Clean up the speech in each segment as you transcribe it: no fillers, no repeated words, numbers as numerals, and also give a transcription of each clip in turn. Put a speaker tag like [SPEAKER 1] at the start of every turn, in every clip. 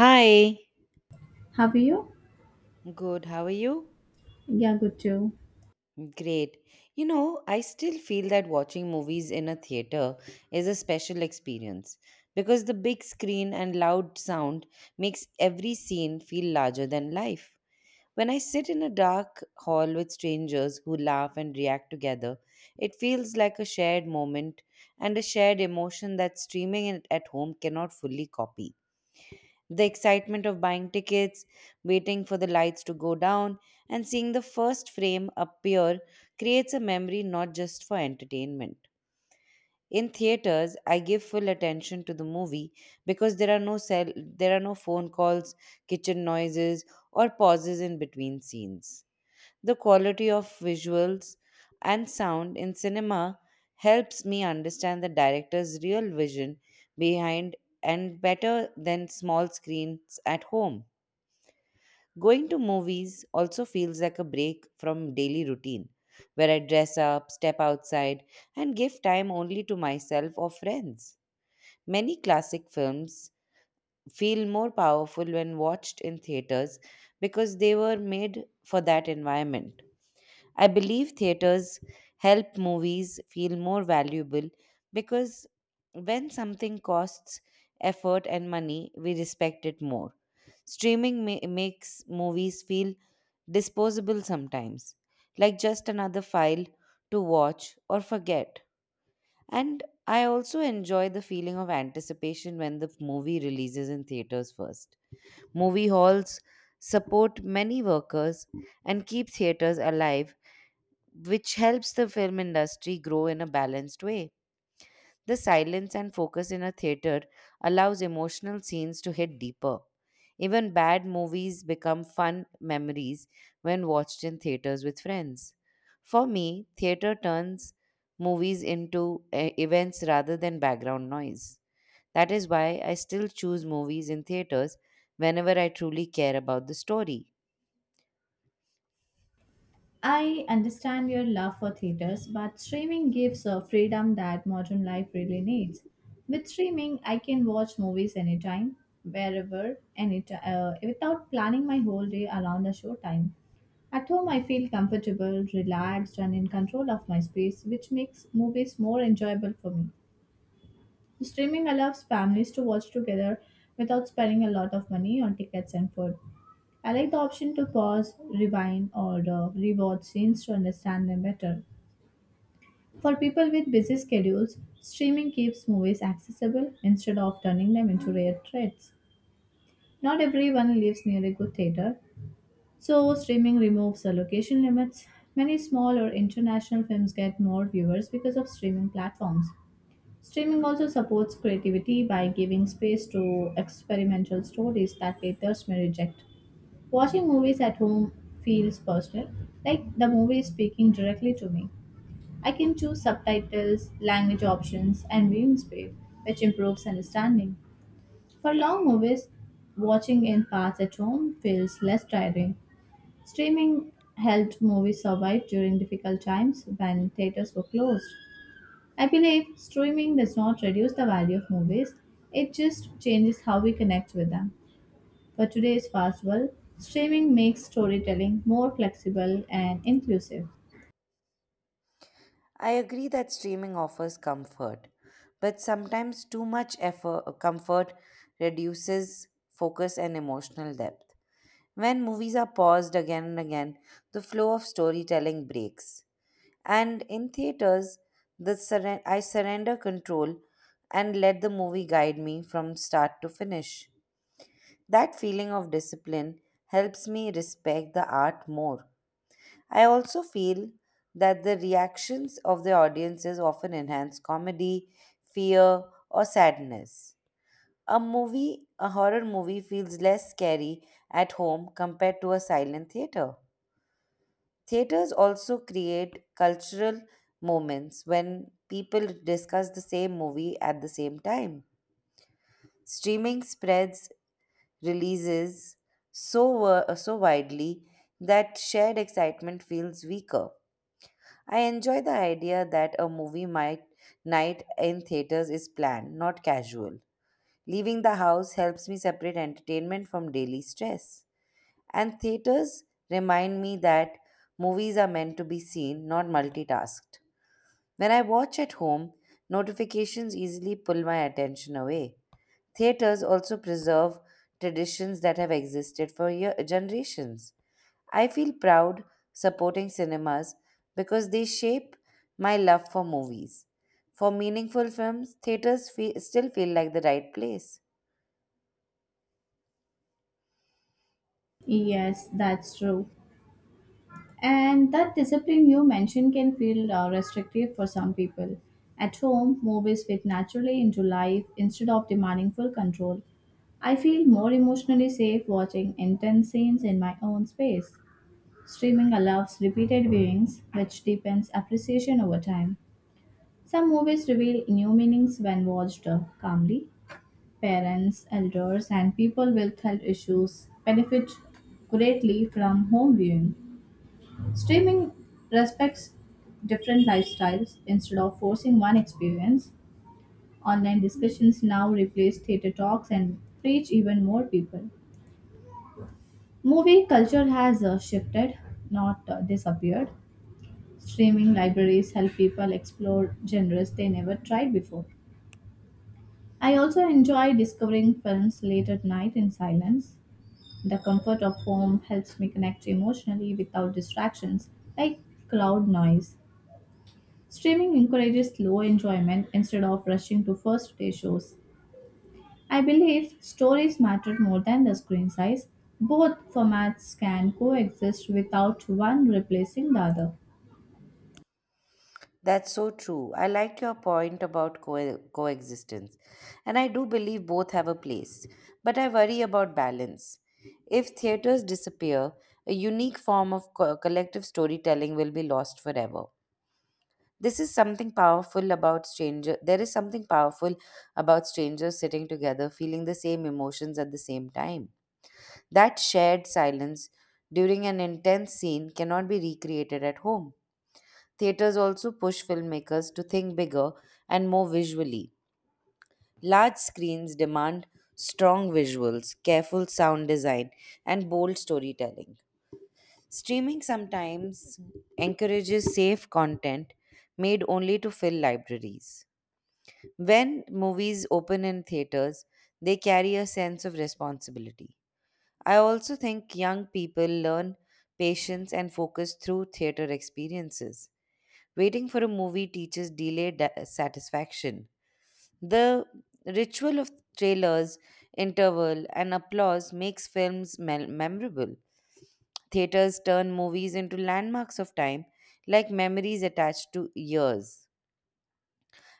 [SPEAKER 1] Hi,
[SPEAKER 2] Have you?
[SPEAKER 1] good. How are you?
[SPEAKER 2] Yeah, good too.
[SPEAKER 1] Great. I still feel that watching movies in a theater is a special experience because the big screen and loud sound makes every scene feel larger than life. When I sit in a dark hall with strangers who laugh and react together, it feels like a shared moment and a shared emotion that streaming it at home cannot fully copy. The excitement of buying tickets, waiting for the lights to go down, and seeing the first frame appear creates a memory not just for entertainment. In theaters, I give full attention to the movie because there are no phone calls, kitchen noises, or pauses in between scenes. The quality of visuals and sound in cinema helps me understand the director's real vision behind and better than small screens at home. Going to movies also feels like a break from daily routine, where I dress up, step outside, and give time only to myself or friends. Many classic films feel more powerful when watched in theaters because they were made for that environment. I believe theaters help movies feel more valuable because when something costs effort and money, we respect it more. Streaming makes movies feel disposable sometimes, like just another file to watch or forget. And I also enjoy the feeling of anticipation when the movie releases in theaters first. Movie halls support many workers and keep theaters alive, which helps the film industry grow in a balanced way. The silence and focus in a theater allows emotional scenes to hit deeper. Even bad movies become fun memories when watched in theaters with friends. For me, theater turns movies into events rather than background noise. That is why I still choose movies in theaters whenever I truly care about the story.
[SPEAKER 2] I understand your love for theaters, but streaming gives a freedom that modern life really needs. With streaming, I can watch movies anytime, wherever, anytime, without planning my whole day around the show time. At home, I feel comfortable, relaxed, and in control of my space, which makes movies more enjoyable for me. Streaming allows families to watch together without spending a lot of money on tickets and food. I like the option to pause, rewind, or rewatch scenes to understand them better. For people with busy schedules, streaming keeps movies accessible instead of turning them into rare treats. Not everyone lives near a good theater, so streaming removes the location limits. Many small or international films get more viewers because of streaming platforms. Streaming also supports creativity by giving space to experimental stories that theaters may reject. Watching movies at home feels personal, like the movie is speaking directly to me. I can choose subtitles, language options, and viewing speed, which improves understanding. For long movies, watching in parts at home feels less tiring. Streaming helped movies survive during difficult times when theaters were closed. I believe streaming does not reduce the value of movies, it just changes how we connect with them. For today's festival, streaming makes storytelling more flexible and inclusive.
[SPEAKER 1] I agree that streaming offers comfort, but sometimes too much effort, comfort reduces focus and emotional depth. When movies are paused again and again, the flow of storytelling breaks. And in theaters, I surrender control and let the movie guide me from start to finish. That feeling of discipline helps me respect the art more. I also feel that the reactions of the audiences often enhance comedy, fear, or sadness. A horror movie feels less scary at home compared to a silent theater. Theaters also create cultural moments when people discuss the same movie at the same time. Streaming spreads releases so widely that shared excitement feels weaker. I enjoy the idea that a movie might night in theaters is planned, not casual. Leaving the house helps me separate entertainment from daily stress. And theaters remind me that movies are meant to be seen, not multitasked. When I watch at home, notifications easily pull my attention away. Theaters also preserve traditions that have existed for generations. I feel proud supporting cinemas because they shape my love for movies. For meaningful films, theaters still feel like the right place.
[SPEAKER 2] Yes, that's true. And that discipline you mentioned can feel restrictive for some people. At home, movies fit naturally into life instead of demanding full control. I feel more emotionally safe watching intense scenes in my own space. Streaming allows repeated viewings, which deepens appreciation over time. Some movies reveal new meanings when watched calmly. Parents, elders, and people with health issues benefit greatly from home viewing. Streaming respects different lifestyles instead of forcing one experience. Online discussions now replace theater talks and reach even more people. Movie culture has shifted, not disappeared. Streaming libraries help people explore genres they never tried before. I also enjoy discovering films late at night in silence. The comfort of home helps me connect emotionally without distractions like cloud noise. Streaming encourages slow enjoyment instead of rushing to first day shows. I believe stories matter more than the screen size. Both formats can coexist without one replacing the other.
[SPEAKER 1] That's so true. I like your point about coexistence, and I do believe both have a place, but I worry about balance. If theaters disappear, a unique form of collective storytelling will be lost forever. This is something powerful about stranger. There is something powerful about strangers sitting together, feeling the same emotions at the same time. That shared silence during an intense scene cannot be recreated at home. Theaters also push filmmakers to think bigger and more visually. Large screens demand strong visuals, careful sound design, and bold storytelling. Streaming sometimes encourages safe content made only to fill libraries. When movies open in theaters, they carry a sense of responsibility. I also think young people learn patience and focus through theater experiences. Waiting for a movie teaches delayed satisfaction. The ritual of trailers, interval, and applause makes films memorable. Theaters turn movies into landmarks of time, like memories attached to years.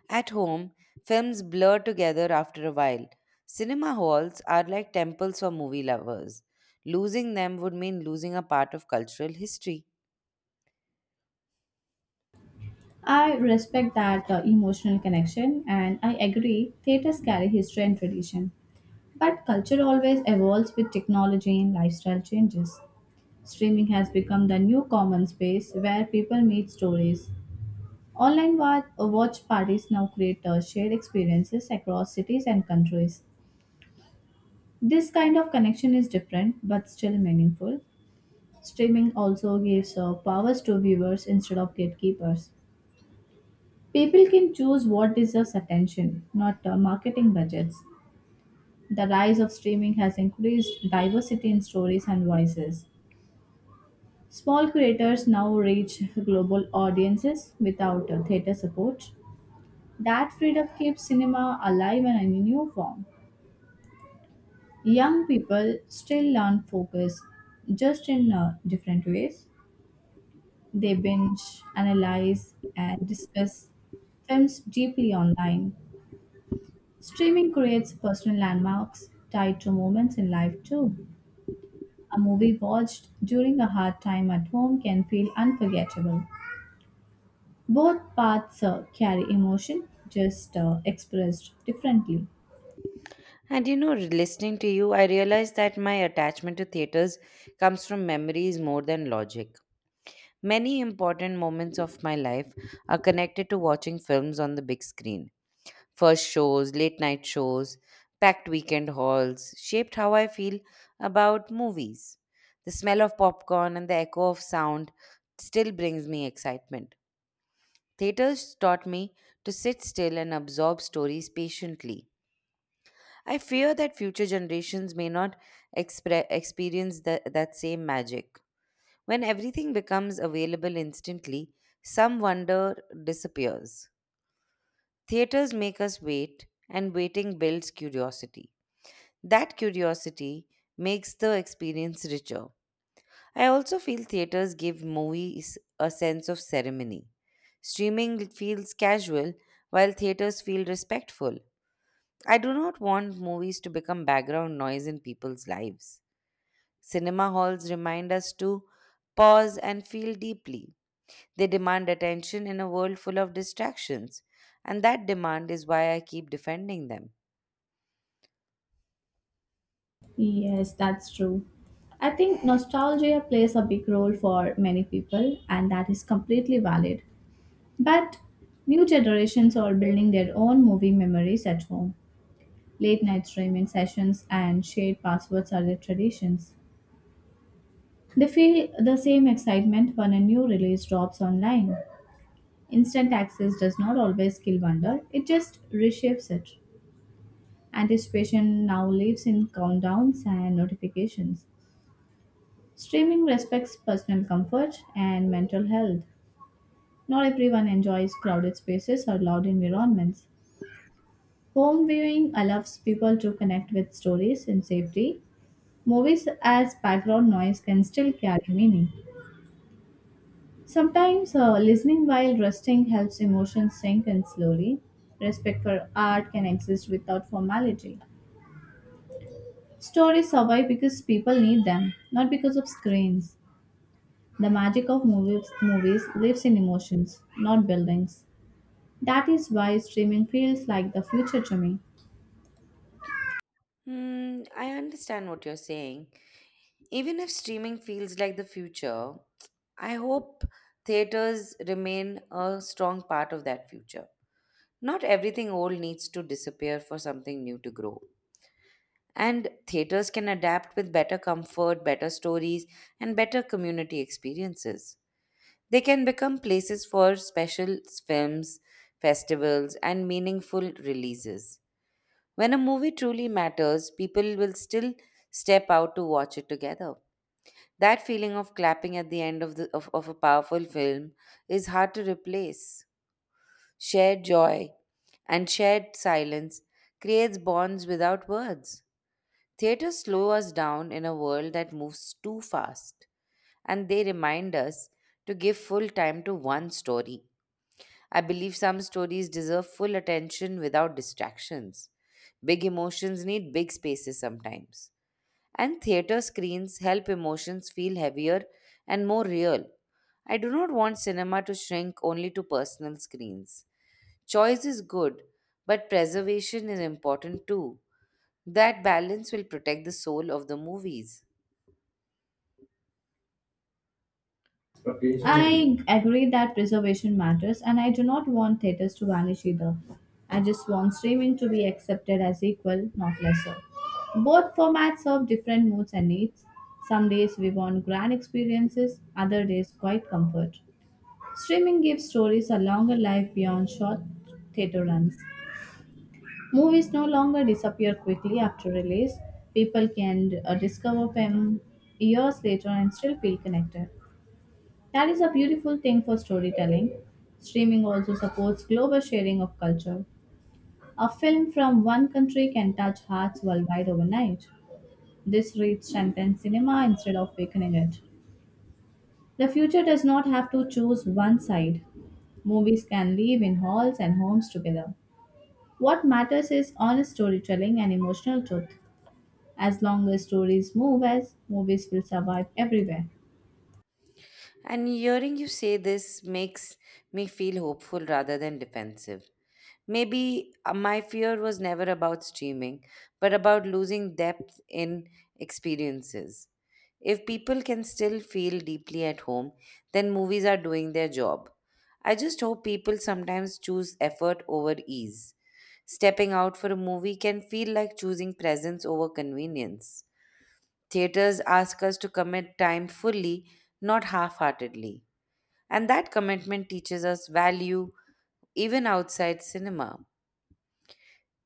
[SPEAKER 1] At home, films blur together after a while. Cinema halls are like temples for movie lovers. Losing them would mean losing a part of cultural history.
[SPEAKER 2] I respect that emotional connection and I agree theaters carry history and tradition. But culture always evolves with technology and lifestyle changes. Streaming has become the new common space where people meet stories. Online watch parties now create shared experiences across cities and countries. This kind of connection is different but still meaningful. Streaming also gives powers to viewers instead of gatekeepers. People can choose what deserves attention, not marketing budgets. The rise of streaming has increased diversity in stories and voices. Small creators now reach global audiences without theater support. That freedom keeps cinema alive and in a new form. Young people still learn focus just in different ways. They binge, analyze, and discuss films deeply online. Streaming creates personal landmarks tied to moments in life, too. A movie watched during a hard time at home can feel unforgettable. Both paths carry emotion, just expressed differently.
[SPEAKER 1] And listening to you, I realize that my attachment to theaters comes from memories more than logic. Many important moments of my life are connected to watching films on the big screen. First shows, late night shows, packed weekend halls shaped how I feel about movies. The smell of popcorn and the echo of sound still brings me excitement. Theaters taught me to sit still and absorb stories patiently. I fear that future generations may not experience that same magic. When everything becomes available instantly, some wonder disappears. Theaters make us wait, and waiting builds curiosity. That curiosity makes the experience richer. I also feel theaters give movies a sense of ceremony. Streaming feels casual, while theaters feel respectful. I do not want movies to become background noise in people's lives. Cinema halls remind us to pause and feel deeply. They demand attention in a world full of distractions, and that demand is why I keep defending them.
[SPEAKER 2] Yes, that's true. I think nostalgia plays a big role for many people, and that is completely valid. But new generations are building their own movie memories at home. Late night streaming sessions and shared passwords are their traditions. They feel the same excitement when a new release drops online. Instant access does not always kill wonder, it just reshapes it. Anticipation now lives in countdowns and notifications. Streaming respects personal comfort and mental health. Not everyone enjoys crowded spaces or loud environments. Home viewing allows people to connect with stories in safety. Movies as background noise can still carry meaning. Sometimes listening while resting helps emotions sink in slowly. Respect for art can exist without formality. Stories survive because people need them, not because of screens. The magic of movies, lives in emotions, not buildings. That is why streaming feels like the future to me.
[SPEAKER 1] I understand what you're saying. Even if streaming feels like the future, I hope theaters remain a strong part of that future. Not everything old needs to disappear for something new to grow. And theaters can adapt with better comfort, better stories, and better community experiences. They can become places for special films, festivals, and meaningful releases. When a movie truly matters, people will still step out to watch it together. That feeling of clapping at the end of a powerful film is hard to replace. Shared joy and shared silence creates bonds without words. Theater slow us down in a world that moves too fast, and they remind us to give full time to one story. I believe some stories deserve full attention without distractions. Big emotions need big spaces sometimes. And theater screens help emotions feel heavier and more real. I do not want cinema to shrink only to personal screens. Choice is good, but preservation is important too. That balance will protect the soul of the movies.
[SPEAKER 2] I agree that preservation matters, and I do not want theaters to vanish either. I just want streaming to be accepted as equal, not lesser. Both formats serve different moods and needs. Some days we want grand experiences, other days quiet comfort. Streaming gives stories a longer life beyond short theater runs. Movies no longer disappear quickly after release. People can discover them years later and still feel connected. That is a beautiful thing for storytelling. Streaming also supports global sharing of culture. A film from one country can touch hearts worldwide overnight. This reach strengthens cinema instead of weakening it. The future does not have to choose one side. Movies can live in halls and homes together. What matters is honest storytelling and emotional truth. As long as movies will survive everywhere.
[SPEAKER 1] And hearing you say this makes me feel hopeful rather than defensive. Maybe my fear was never about streaming, but about losing depth in experiences. If people can still feel deeply at home, then movies are doing their job. I just hope people sometimes choose effort over ease. Stepping out for a movie can feel like choosing presence over convenience. Theaters ask us to commit time fully, not half heartedly. And that commitment teaches us value even outside cinema.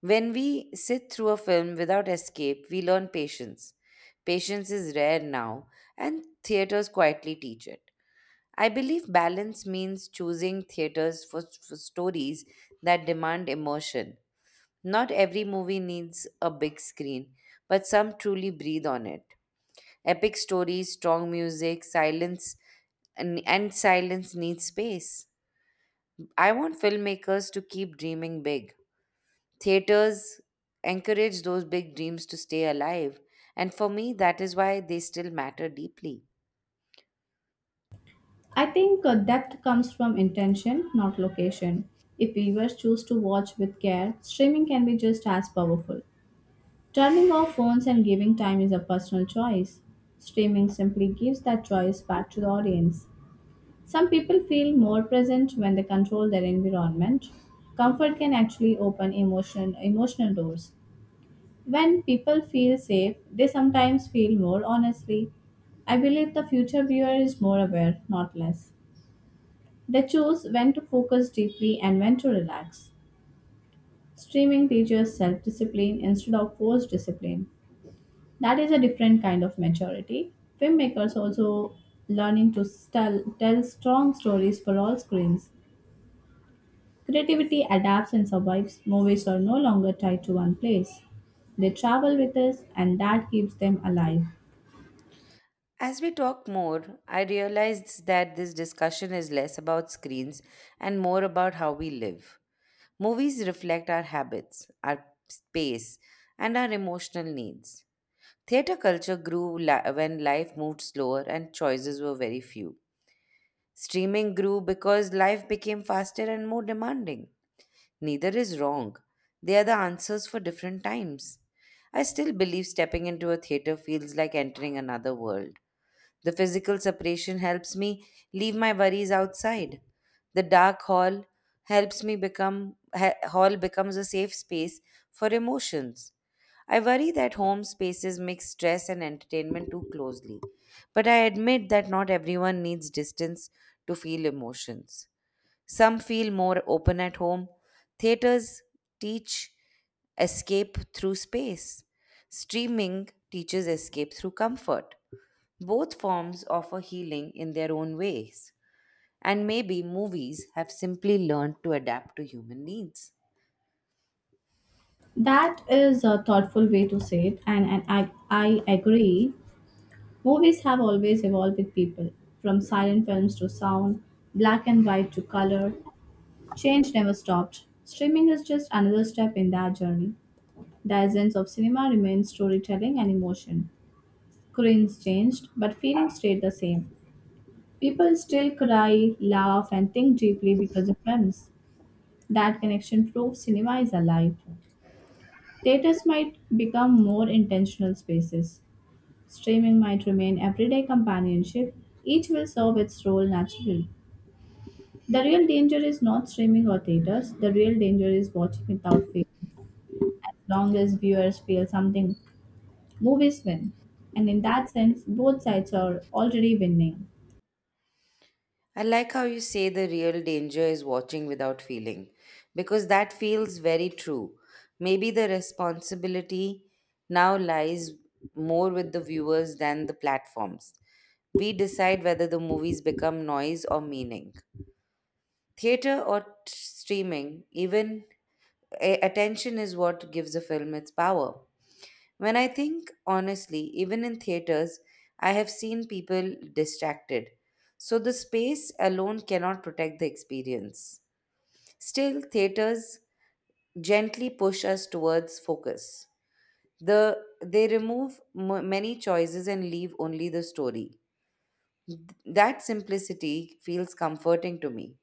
[SPEAKER 1] When we sit through a film without escape, we learn patience. Patience is rare now, and theaters quietly teach it. I believe balance means choosing theaters for stories that demand immersion. Not every movie needs a big screen, but some truly breathe on it. Epic stories, strong music, silence, and silence needs space. I want filmmakers to keep dreaming big. Theaters encourage those big dreams to stay alive, and for me, that is why they still matter deeply.
[SPEAKER 2] I think depth comes from intention, not location. If viewers choose to watch with care, streaming can be just as powerful. Turning off phones and giving time is a personal choice. Streaming simply gives that choice back to the audience. Some people feel more present when they control their environment. Comfort can actually open emotional doors. When people feel safe, they sometimes feel more honestly. I believe the future viewer is more aware, not less. They choose when to focus deeply and when to relax. Streaming teaches self discipline instead of forced discipline. That is a different kind of maturity. Filmmakers also learning to tell strong stories for all screens. Creativity adapts and survives. Movies are no longer tied to one place. They travel with us, and that keeps them alive.
[SPEAKER 1] As we talk more, I realized that this discussion is less about screens and more about how we live. Movies reflect our habits, our space, and our emotional needs. Theatre culture grew when life moved slower and choices were very few. Streaming grew because life became faster and more demanding. Neither is wrong, they are the answers for different times. I still believe stepping into a theatre feels like entering another world. The physical separation helps me leave my worries outside. The dark hall helps me become ha- hall becomes a safe space for emotions. I worry that home spaces mix stress and entertainment too closely. But I admit that not everyone needs distance to feel emotions. Some feel more open at home. Theaters teach escape through space. Streaming teaches escape through comfort. Both forms offer healing in their own ways, and maybe movies have simply learned to adapt to human needs.
[SPEAKER 2] That is a thoughtful way to say it, and I agree. Movies have always evolved with people, from silent films to sound, black and white to color. Change never stopped. Streaming is just another step in that journey. The essence of cinema remains storytelling and emotion. Screens changed, but feelings stayed the same. People still cry, laugh, and think deeply because of films. That connection proves cinema is alive. Theaters might become more intentional spaces. Streaming might remain everyday companionship, each will serve its role naturally. The real danger is not streaming or theaters, the real danger is watching without fear. As long as viewers feel something, movies win. And in that sense, both sides are already winning.
[SPEAKER 1] I like how you say the real danger is watching without feeling, because that feels very true. Maybe the responsibility now lies more with the viewers than the platforms. We decide whether the movies become noise or meaning. Theater or streaming, even attention is what gives a film its power. When I think honestly, even in theaters, I have seen people distracted. So the space alone cannot protect the experience. Still, theaters gently push us towards focus. The, they remove many choices and leave only the story. That simplicity feels comforting to me.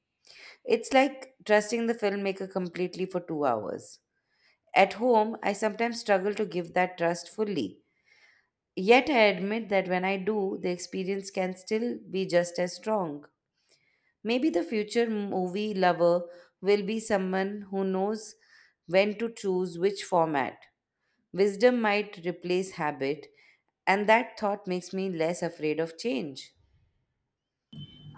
[SPEAKER 1] It's like trusting the filmmaker completely for 2 hours. At home, I sometimes struggle to give that trust fully. Yet I admit that when I do, the experience can still be just as strong. Maybe the future movie lover will be someone who knows when to choose which format. Wisdom might replace habit, and that thought makes me less afraid of change.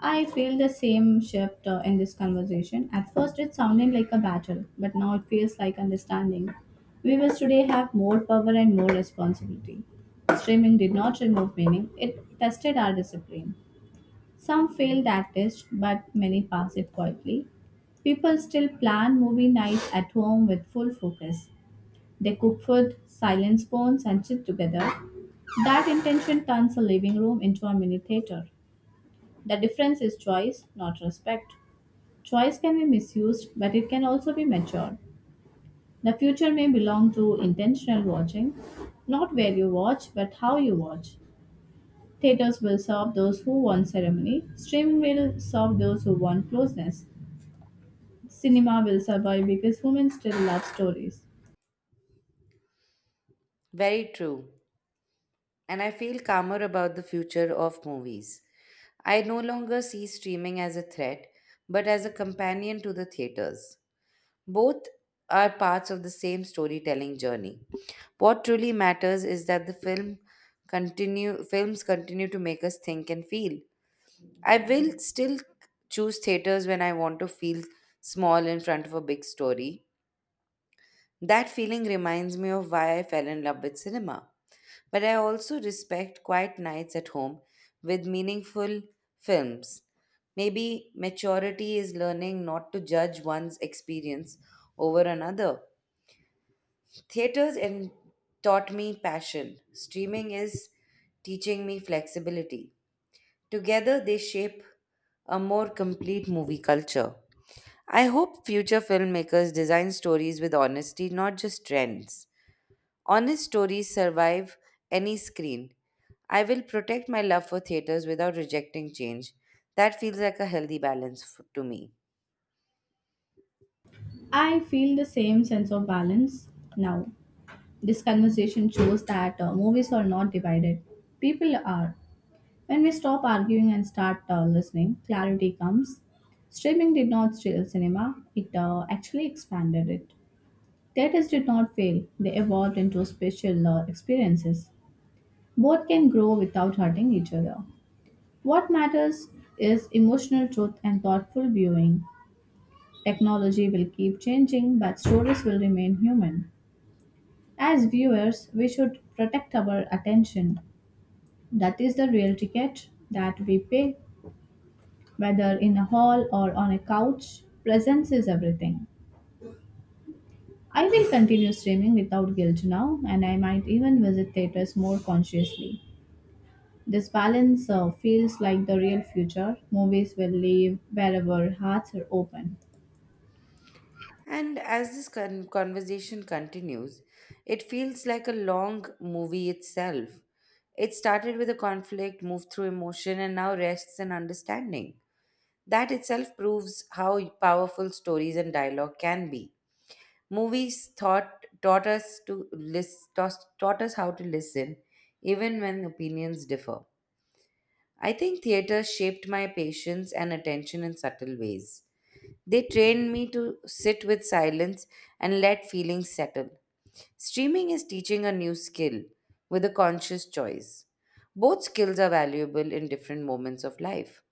[SPEAKER 2] I feel the same shift in this conversation. At first, it sounded like a battle, but now it feels like understanding. Viewers today have more power and more responsibility. Streaming did not remove meaning, it tested our discipline. Some fail that test, but many pass it quietly. People still plan movie nights at home with full focus. They cook food, silence phones, and sit together. That intention turns a living room into a mini theater. The difference is choice, not respect. Choice can be misused, but it can also be matured. The future may belong to intentional watching, not where you watch, but how you watch. Theaters will serve those who want ceremony. Streaming will serve those who want closeness. Cinema will survive because women still love stories.
[SPEAKER 1] Very true. And I feel calmer about the future of movies. I no longer see streaming as a threat, but as a companion to the theaters. Both are parts of the same storytelling journey. What truly matters is that the film continue films continue to make us think and feel. I will still choose theaters when I want to feel small in front of a big story. That feeling reminds me of why I fell in love with cinema. But I also respect quiet nights at home with meaningful films. Maybe maturity is learning not to judge one's experience over another. Theaters and Taught me passion. Streaming is teaching me flexibility. Together, they shape a more complete movie culture. I hope future filmmakers design stories with honesty, not just trends. Honest stories survive any screen. I will protect my love for theaters without rejecting change. That feels like a healthy balance to me.
[SPEAKER 2] I feel the same sense of balance now. This conversation shows that movies are not divided. People are. When we stop arguing and start listening, clarity comes. Streaming did not steal cinema, it actually expanded it. Theaters did not fail, they evolved into special experiences. Both can grow without hurting each other. What matters is emotional truth and thoughtful viewing. Technology will keep changing, but stories will remain human. As viewers, we should protect our attention. That is the real ticket that we pay, whether in a hall or on a couch. Presence is everything. I will continue streaming without guilt now, and I might even visit theaters more consciously. This balance feels like the real future. Movies will live wherever hearts are open.
[SPEAKER 1] And as this conversation continues, it feels like a long movie itself. It started with a conflict, moved through emotion, and now rests in understanding. That itself proves how powerful stories and dialogue can be. Movies taught us how to listen, even when opinions differ. I think theater shaped my patience and attention in subtle ways. They trained me to sit with silence and let feelings settle. Streaming is teaching a new skill with a conscious choice. Both skills are valuable in different moments of life.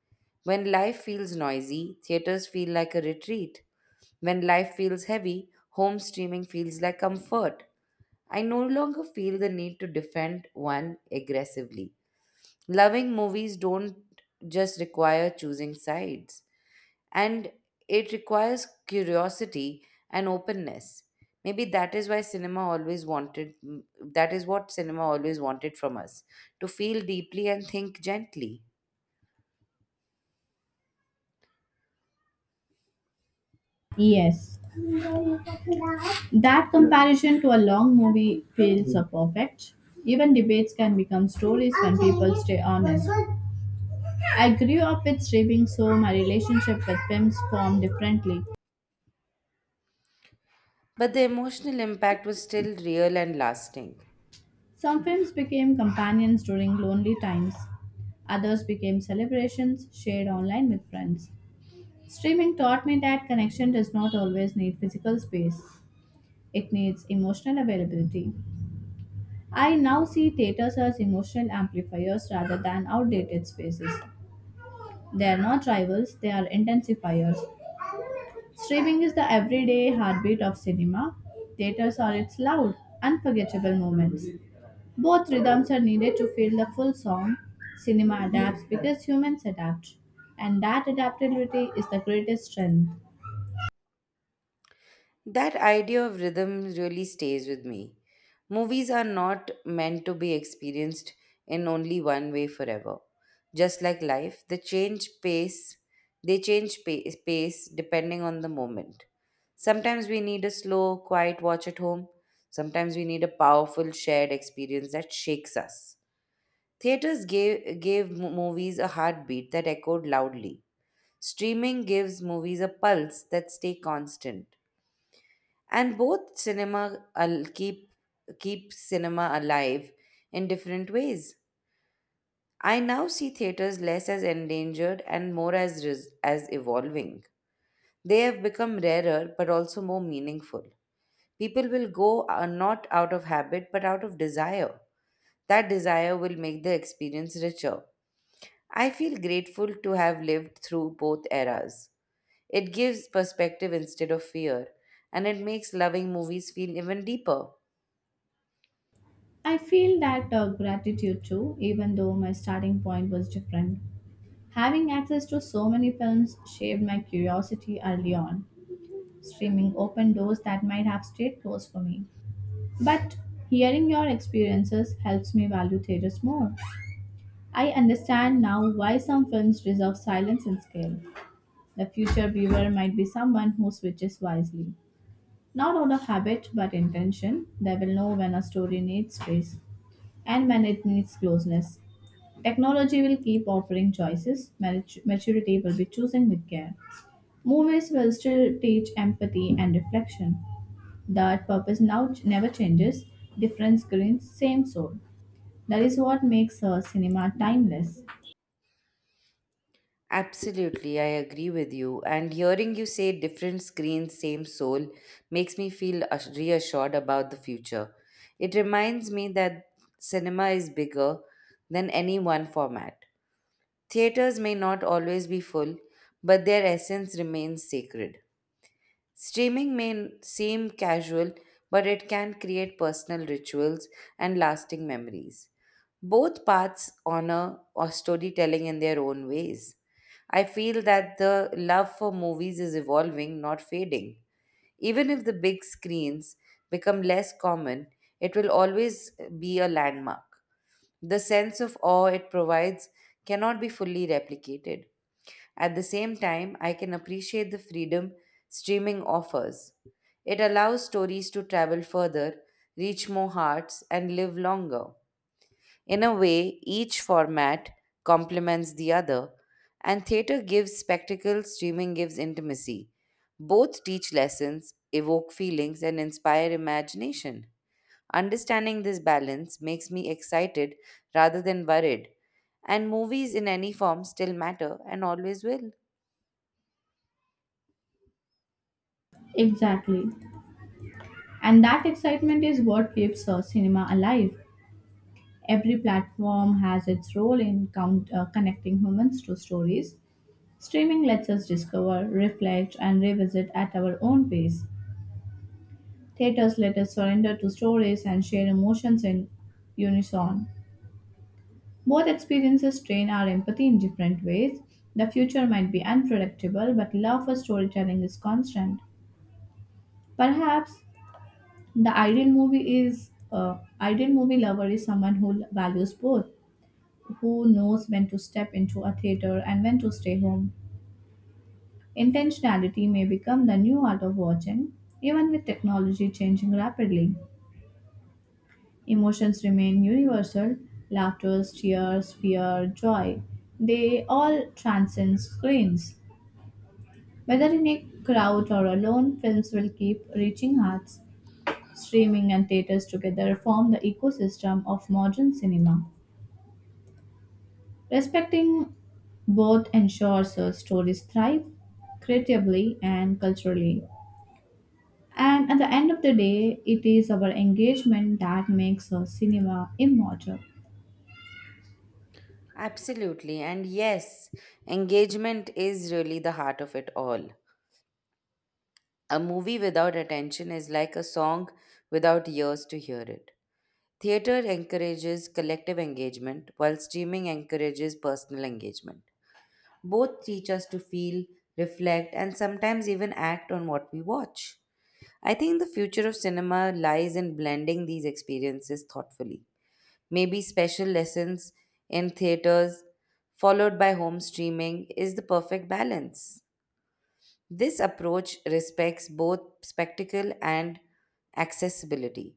[SPEAKER 1] When life feels noisy, theaters feel like a retreat. When life feels heavy, home streaming feels like comfort. I no longer feel the need to defend one aggressively. Loving movies don't just require choosing sides, and it requires curiosity and openness. Maybe that is what cinema always wanted from us, to feel deeply and think gently,
[SPEAKER 2] Yes, that comparison to a long movie feels perfect. Even debates can become stories when people stay honest. I grew up with streaming, so my relationship with films formed differently.
[SPEAKER 1] but the emotional impact was still real and lasting.
[SPEAKER 2] Some films became companions during lonely times, others became celebrations shared online with friends. Streaming taught me that connection does not always need physical space. It needs emotional availability. I now see theaters as emotional amplifiers rather than outdated spaces. They are not rivals, they are intensifiers. Streaming is the everyday heartbeat of cinema. Theaters are its loud, unforgettable moments. Both rhythms are needed to feel the full song. Cinema adapts because humans adapt, and that adaptability is the greatest strength.
[SPEAKER 1] That idea of rhythm really stays with me. Movies are not meant to be experienced in only one way forever. Just like life, they change pace, depending on the moment. Sometimes we need a slow, quiet watch at home. Sometimes we need a powerful shared experience that shakes us. Theaters gave movies a heartbeat that echoed loudly. Streaming gives movies a pulse that stay constant, and both cinema al- keep keep cinema alive in different ways. I now see theaters less as endangered and more as as evolving. They have become rarer but also more meaningful. People will go, not out of habit but out of desire. That desire will make the experience richer. I feel grateful to have lived through both eras. It gives perspective instead of fear, and it makes loving movies feel even deeper.
[SPEAKER 2] I feel that gratitude too, even though my starting point was different. Having access to so many films shaped my curiosity early on. Streaming opened doors that might have stayed closed for me. But hearing your experiences helps me value theaters more. I understand now why some films deserve silence and scale. The future viewer might be someone who switches wisely. Not out of habit but intention, they will know when a story needs space and when it needs closeness. Technology will keep offering choices. Maturity will be choosing with care. Movies will still teach empathy and reflection. That purpose now never changes. Different screens, same soul. That is what makes cinema timeless.
[SPEAKER 1] Absolutely, I agree with you. And hearing you say different screens, same soul makes me feel reassured about the future. It reminds me that cinema is bigger than any one format. Theaters may not always be full, but their essence remains sacred. Streaming may seem casual, but it can create personal rituals and lasting memories. Both paths honor or storytelling in their own ways. I feel that the love for movies is evolving, not fading. Even if the big screens become less common, it will always be a landmark. The sense of awe it provides cannot be fully replicated. At the same time, I can appreciate the freedom streaming offers. It allows stories to travel further, reach more hearts, and live longer. In a way, each format complements the other, and theatre gives spectacle, streaming gives intimacy. Both teach lessons, evoke feelings, and inspire imagination. Understanding this balance makes me excited rather than worried. And movies in any form still matter and always will.
[SPEAKER 2] Exactly. And that excitement is what keeps cinema alive. Every platform has its role in connecting humans to stories. Streaming lets us discover, reflect, and revisit at our own pace. Theaters let us surrender to stories and share emotions in unison. Both experiences train our empathy in different ways. The future might be unpredictable, but love for storytelling is constant. Perhaps the ideal movie lover is someone who values both, who knows when to step into a theater and when to stay home. Intentionality may become the new art of watching, even with technology changing rapidly. Emotions remain universal: laughter, tears, fear, joy. They all transcend screens. Whether in a crowd or alone, films will keep reaching hearts. Streaming and theaters together form the ecosystem of modern cinema. Respecting both ensures stories thrive creatively and culturally. And at the end of the day, it is our engagement that makes cinema immortal.
[SPEAKER 1] Absolutely. And yes, engagement is really the heart of it all. A movie without attention is like a song without ears to hear it. Theatre encourages collective engagement, while streaming encourages personal engagement. Both teach us to feel, reflect, and sometimes even act on what we watch. I think the future of cinema lies in blending these experiences thoughtfully. Maybe special lessons in theaters followed by home streaming is the perfect balance. This approach respects both spectacle and accessibility.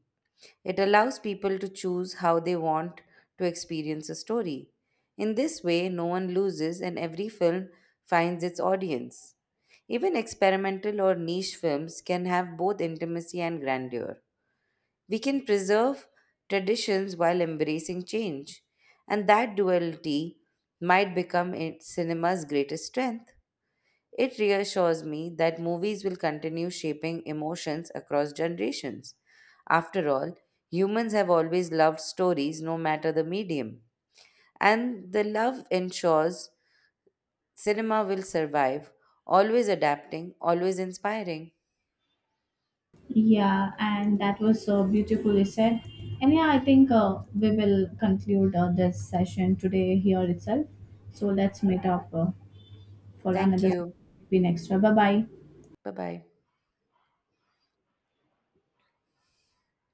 [SPEAKER 1] It allows people to choose how they want to experience a story. In this way, no one loses and every film finds its audience. Even experimental or niche films can have both intimacy and grandeur. We can preserve traditions while embracing change, and that duality might become cinema's greatest strength. It reassures me that movies will continue shaping emotions across generations. After all, humans have always loved stories, no matter the medium. And the love ensures cinema will survive, always adapting, always inspiring.
[SPEAKER 2] Yeah, and that was so beautifully said. And yeah, I think we will conclude this session today here itself. So let's meet up. For
[SPEAKER 1] Thank
[SPEAKER 2] another
[SPEAKER 1] you.
[SPEAKER 2] Spin Extra. Bye bye.
[SPEAKER 1] Bye bye.